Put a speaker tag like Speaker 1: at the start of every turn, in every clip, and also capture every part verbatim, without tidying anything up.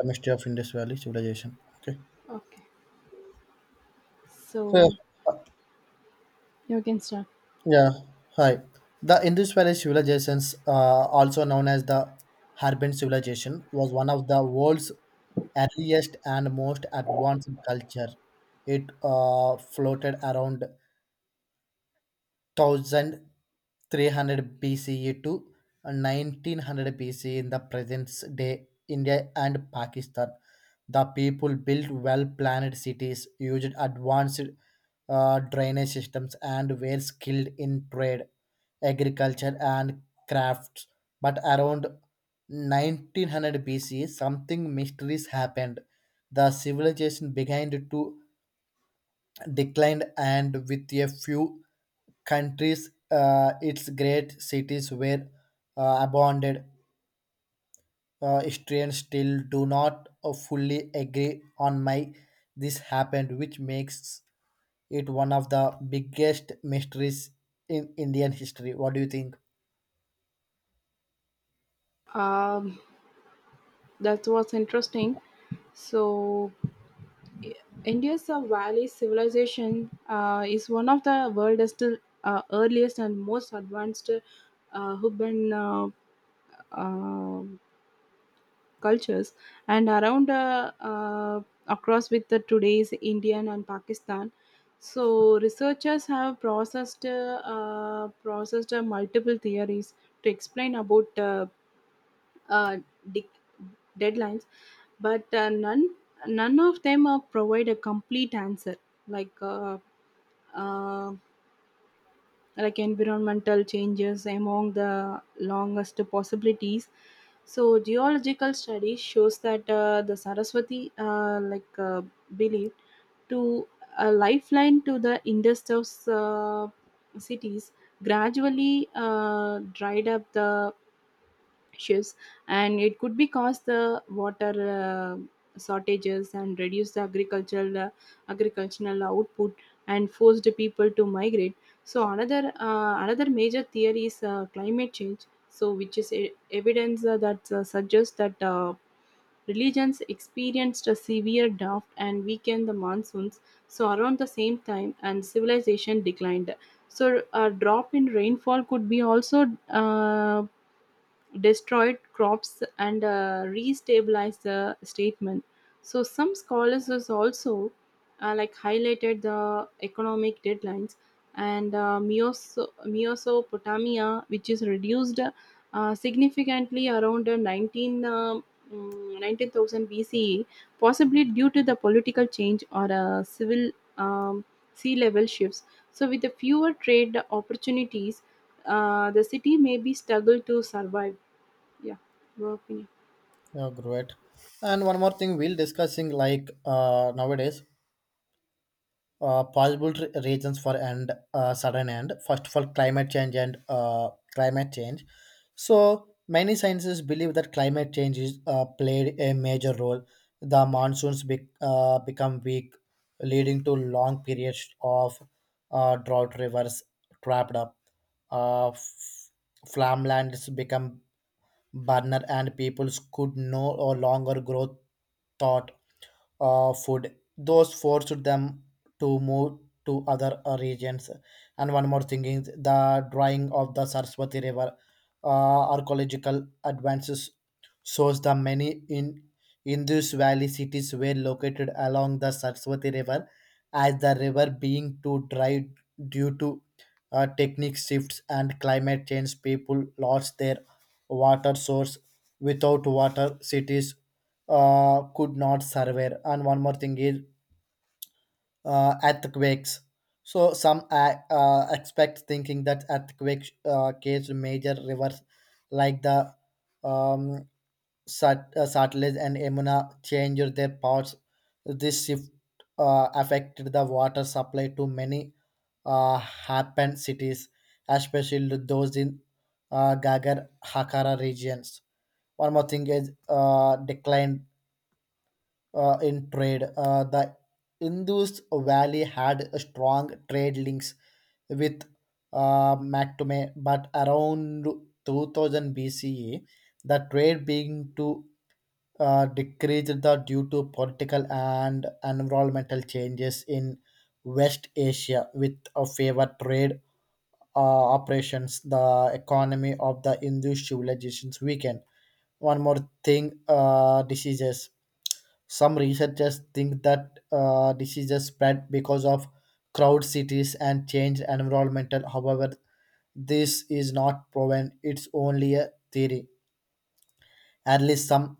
Speaker 1: A mystery of Indus Valley civilization. Okay.
Speaker 2: Okay.
Speaker 1: So,
Speaker 2: So
Speaker 1: uh,
Speaker 2: you can start.
Speaker 1: yeah, hi. The Indus Valley civilizations, uh, also known as the Harappan civilization, was one of the world's earliest and most advanced culture. It uh, floated around one thousand three hundred B C E to nineteen hundred B C E in the present day India and Pakistan. The people built well planned cities, used advanced uh, drainage systems, and were skilled in trade, agriculture, and crafts. But around nineteen hundred B C E, something mysterious happened. The civilization began to declined, and with a few countries, uh, its great cities were uh, abandoned. Uh, historians still do not uh, fully agree on why this happened, which makes it one of the biggest mysteries in indian history. What do you think?
Speaker 2: Um, that was interesting. So, I- India's uh, Valley civilization uh, is one of the world's still, uh, earliest and most advanced uh, urban uh, uh, cultures, and around uh, uh, across with the today's Indian and Pakistan. So, researchers have processed uh, uh, processed uh, multiple theories to explain about uh, uh, de- deadlines, but uh, none none of them uh, provide a complete answer. Like uh, uh, like environmental changes among the longest possibilities. So geological study shows that uh, the Saraswati uh, like uh, believed to a lifeline to the industrial uh, cities gradually uh, dried up the shifts, and it could be cause the water uh, shortages and reduce the agricultural uh, agricultural output, and forced people to migrate. So another uh, another major theory is uh, climate change. So which is e- evidence uh, that uh, suggests that uh, religions experienced a severe drought and weakened the monsoons. So around the same time and civilization declined. So a drop in rainfall could be also uh, destroyed crops and uh, restabilized the statement. So some scholars has also uh, like highlighted the economic deadlines and uh, Meoso- Mesopotamia, which is reduced uh, significantly around uh, nineteen, um, mm, nineteen thousand B C E, possibly due to the political change or uh, civil um, sea level shifts. So with the fewer trade opportunities, uh, the city may be struggle to survive. Yeah, your opinion.
Speaker 1: Yeah, great. And one more thing we'll discussing, like, uh, nowadays uh, possible re- reasons for and uh, sudden end. First of all, climate change and uh, climate change. So many scientists believe that climate change is uh, played a major role. The monsoons be- uh, become weak, leading to long periods of uh, drought. Rivers trapped up, uh, f- farmlands become burner, and peoples could no longer grow thought uh, food. Those forced them to move to other uh, regions. And one more thing is the drying of the Saraswati River. Uh, archaeological advances shows the many in Indus Valley cities were located along the Saraswati River. As the river being too dry due to uh, technique shifts and climate change, people lost their water source. Without water, cities uh, could not survive. And one more thing is uh, earthquakes. So some uh, uh, expect thinking that earthquake uh, case major rivers like the um, Sat- uh, Satluj and Yamuna changed their paths. This shift uh, affected the water supply to many uh, happened cities, especially those in uh, Gagar Hakara regions. One more thing is uh, decline uh, in trade. Uh, the Indus Valley had a strong trade links with uh, Mactume, but around two thousand B C E, the trade began to uh, decrease the, due to political and environmental changes in West Asia. With a favor trade uh, operations, the economy of the Hindu civilizations weakened. One more thing, uh, diseases. Some researchers think that uh, diseases spread because of crowd cities and change environmental. However, this is not proven. It's only a theory. At least some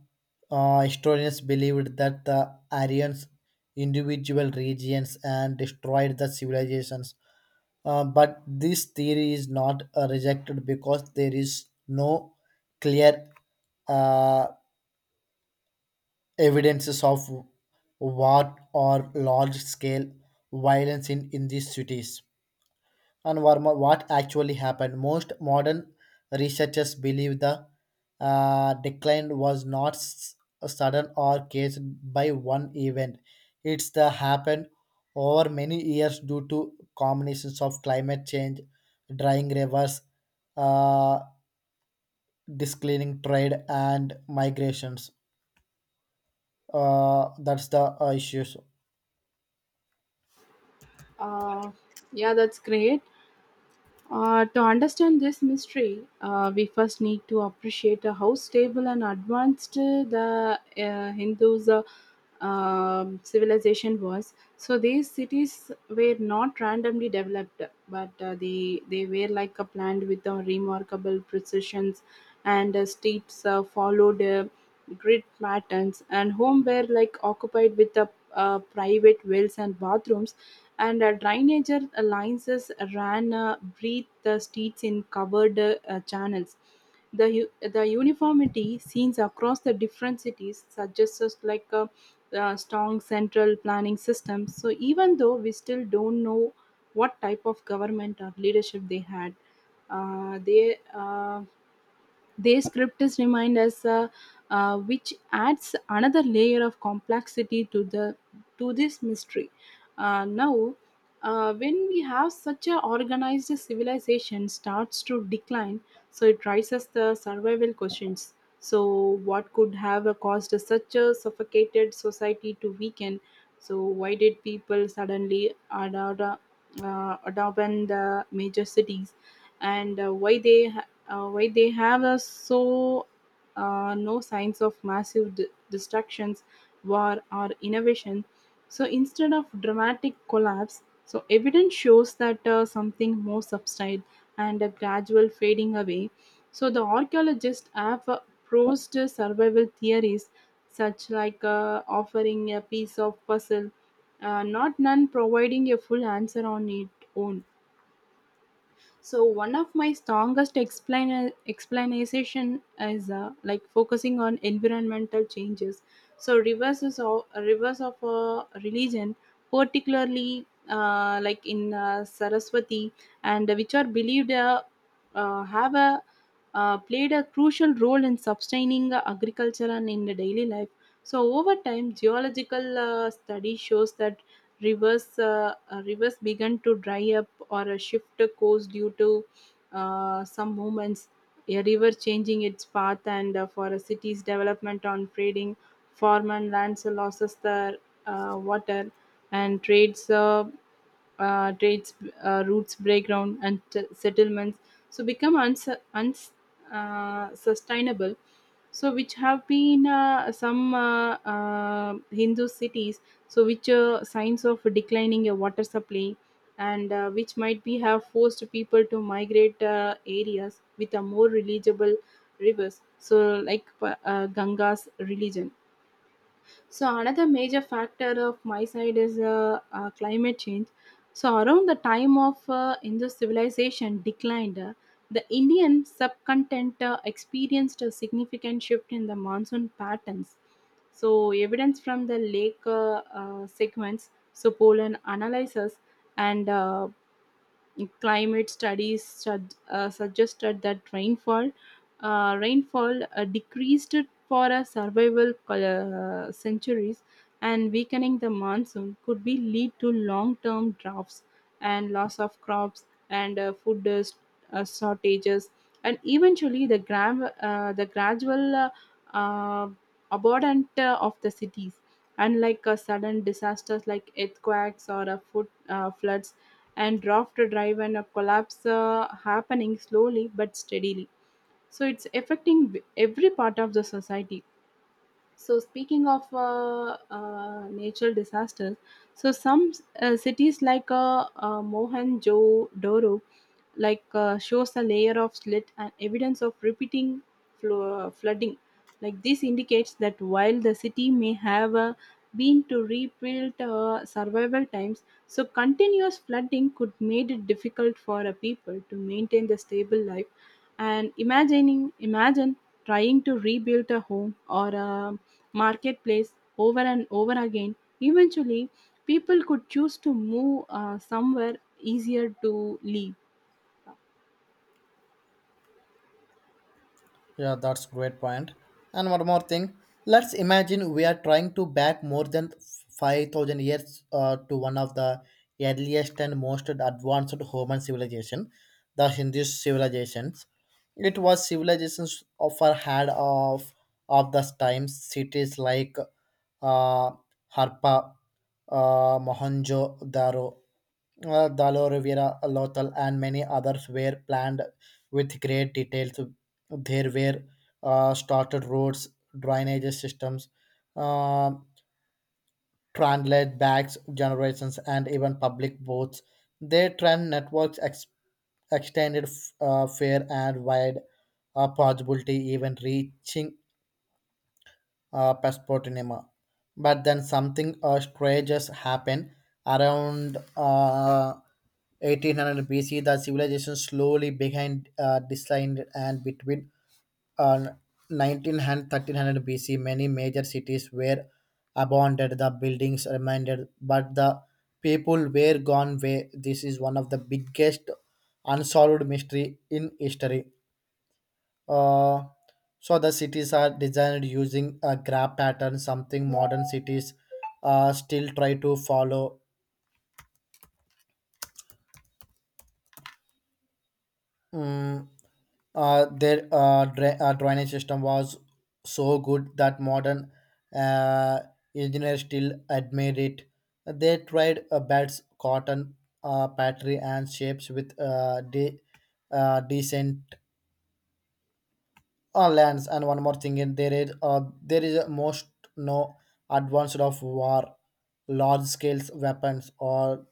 Speaker 1: uh, historians believed that the Aryans individual regions and destroyed the civilizations. Uh, but this theory is not uh, rejected because there is no clear uh, evidences of war or large scale violence in, in these cities. And what mo- what actually happened? Most modern researchers believe the uh, decline was not s- sudden or caused by one event. It's the happened over many years due to combinations of climate change, drying rivers, uh, discleaning trade, and migrations. Uh, that's the uh, issues.
Speaker 2: Uh, yeah, that's great. Uh, to understand this mystery, uh, we first need to appreciate uh, how stable and advanced uh, the uh, Hindus' uh, um, civilization was. So these cities were not randomly developed, but uh, they they were like a planned with a remarkable precisions, and uh, streets uh, followed uh, grid patterns, and home were like occupied with the uh, private wells and bathrooms, and uh, drainage uh, lines is ran uh, breathe the streets in covered uh, channels. The u- the uniformity seen across the different cities suggests us like a, uh strong central planning system. So even though we still don't know what type of government or leadership they had, uh, they uh, their script is remained as a, uh, which adds another layer of complexity to the to this mystery. Uh, now, uh, when we have such a organized civilization starts to decline, so it raises the survival questions. So, what could have caused such a suffocated society to weaken? So, why did people suddenly adopt, uh, abandon the major cities? And uh, why they uh, why they have a so uh, no signs of massive d- destructions, war or innovation. So instead of dramatic collapse, so evidence shows that uh, something more subtle and a gradual fading away. So the archaeologists have uh, proposed survival theories such like uh, offering a piece of puzzle, uh, not none providing a full answer on its own. So one of my strongest explain explanation is uh, like focusing on environmental changes. So reverse is of reverse of a religion, particularly uh, like in uh, Saraswati, and which are believed uh, uh, have a uh, played a crucial role in sustaining uh, agriculture and in the daily life. So over time, geological uh, study shows that rivers uh, uh, rivers began to dry up or a shift course due to uh, some movements. A river changing its path, and uh, for a city's development on trading farm and lands losses the uh, water, and trades uh, uh, trades, uh, routes, breakdown, and t- settlements, so become unsustainable. Uns- uh, sustainable. So which have been uh, some uh, uh, Hindu cities, so which are signs of declining uh, water supply, and uh, which might be have forced people to migrate uh, areas with a more reliable rivers. So like uh, Ganga's religion. So another major factor of my side is uh, uh, climate change. So around the time of uh, Indus civilization declined, uh, the Indian subcontinent uh, experienced a significant shift in the monsoon patterns. So evidence from the lake uh, uh, segments, so pollen analysis and uh, climate studies sug- uh, suggested that rainfall uh, rainfall uh, decreased for a survival col- uh, centuries, and weakening the monsoon could be lead to long-term droughts and loss of crops and uh, food uh, s- uh, shortages, and eventually the gram uh, the gradual uh, uh, abundant uh, of the cities. Unlike uh, sudden disasters like earthquakes or uh, food uh, floods and draft drive, and a collapse uh, happening slowly but steadily. So it's affecting v- every part of the society. So speaking of uh, uh, natural disasters, so some uh, cities like uh, uh, Mohenjo-Daro, like uh, shows a layer of slit and evidence of repeating flo- uh, flooding. Like this indicates that while the city may have uh, been to rebuild uh, survival times, so continuous flooding could made it difficult for a people to maintain the stable life. And imagining, imagine trying to rebuild a home or a marketplace over and over again. Eventually, people could choose to move uh, somewhere easier to live.
Speaker 1: Yeah, that's great point. And one more thing, let's imagine we are trying to back more than five thousand years uh, to one of the earliest and most advanced human civilization, the Hindu civilizations. It was civilizations of often had of of those times. Cities like uh, Harpa, uh, Mohenjo-daro, uh, Dalovira, Lothal, and many others were planned with great details. There were uh, started roads, drainage systems, uh, translate backs generations, and even public votes. They trend networks ex- extended f- uh, fair and wide, uh, possibility even reaching uh, Pasportinima. But then something uh, strange happened around uh, eighteen hundred B C. The civilization slowly behind uh, declined, and between uh, nineteen hundred thirteen hundred B C, many major cities were abandoned. The buildings remained, but the people were gone away. This is one of the biggest unsolved mystery in history. Uh, so the cities are designed using a graph pattern, something modern cities uh, still try to follow. Mm, uh, their uh, dra- uh, drainage system was so good that modern uh, engineers still admire it. They tried uh, bats, cotton, uh, patry, and shapes with uh, de- uh, decent uh, lands. And one more thing in there is, uh, there is most no advanced of war, large scales weapons or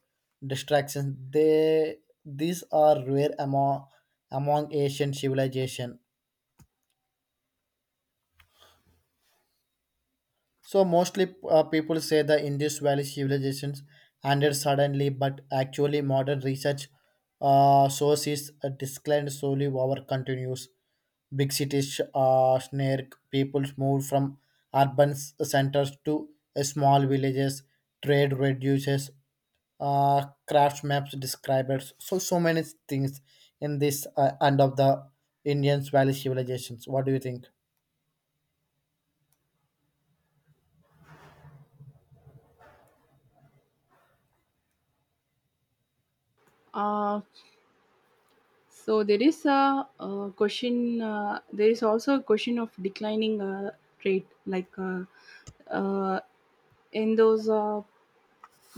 Speaker 1: distractions they, these are rare among among asian civilization. So mostly uh, people say the Indus Valley civilizations ended suddenly, but actually modern research uh, sources uh, declined slowly over continues. Big cities uh, snare, people moved from urban s- centers to uh, small villages. Trade reduces. Uh, craft maps describes so so many things in this uh, end of the Indian Valley civilizations. What do you think?
Speaker 2: Uh, so there is a, uh question. Uh, there is also a question of declining uh, rate, like uh, uh, in those uh,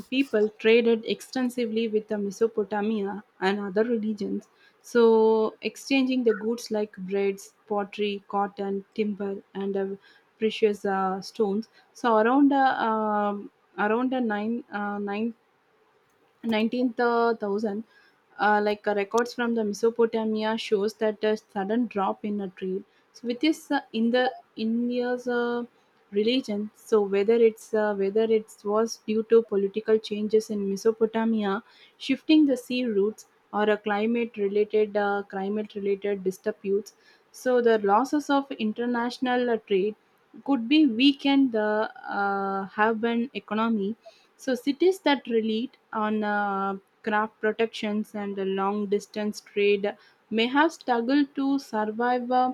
Speaker 2: people traded extensively with the Mesopotamia and other religions, so exchanging the goods like breads, pottery, cotton, timber, and uh, precious uh, stones. So around uh, um, around the nine uh, nine nineteenth uh, thousand, uh, like uh, records from the Mesopotamia shows that a sudden drop in a trade. So with this uh, in the India's uh, religion, so whether it's uh, whether it was due to political changes in Mesopotamia, shifting the sea routes, or a climate related uh, climate related disputes. So the losses of international uh, trade could be weakened the uh, urban economy. So cities that relied on uh, craft protections and the long distance trade may have struggled to survive. uh,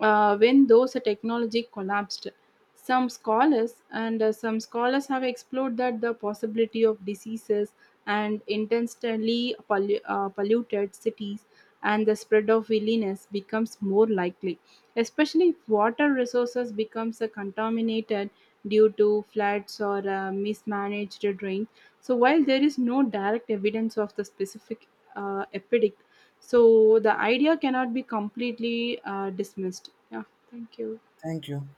Speaker 2: uh, When those technology collapsed, some scholars and uh, some scholars have explored that the possibility of diseases and intentionally pollu- uh, polluted cities, and the spread of illness becomes more likely, especially if water resources becomes uh, contaminated due to floods or uh, mismanaged drains. So while there is no direct evidence of the specific uh, epidemic, so the idea cannot be completely uh, dismissed. Yeah, thank you.
Speaker 1: Thank you.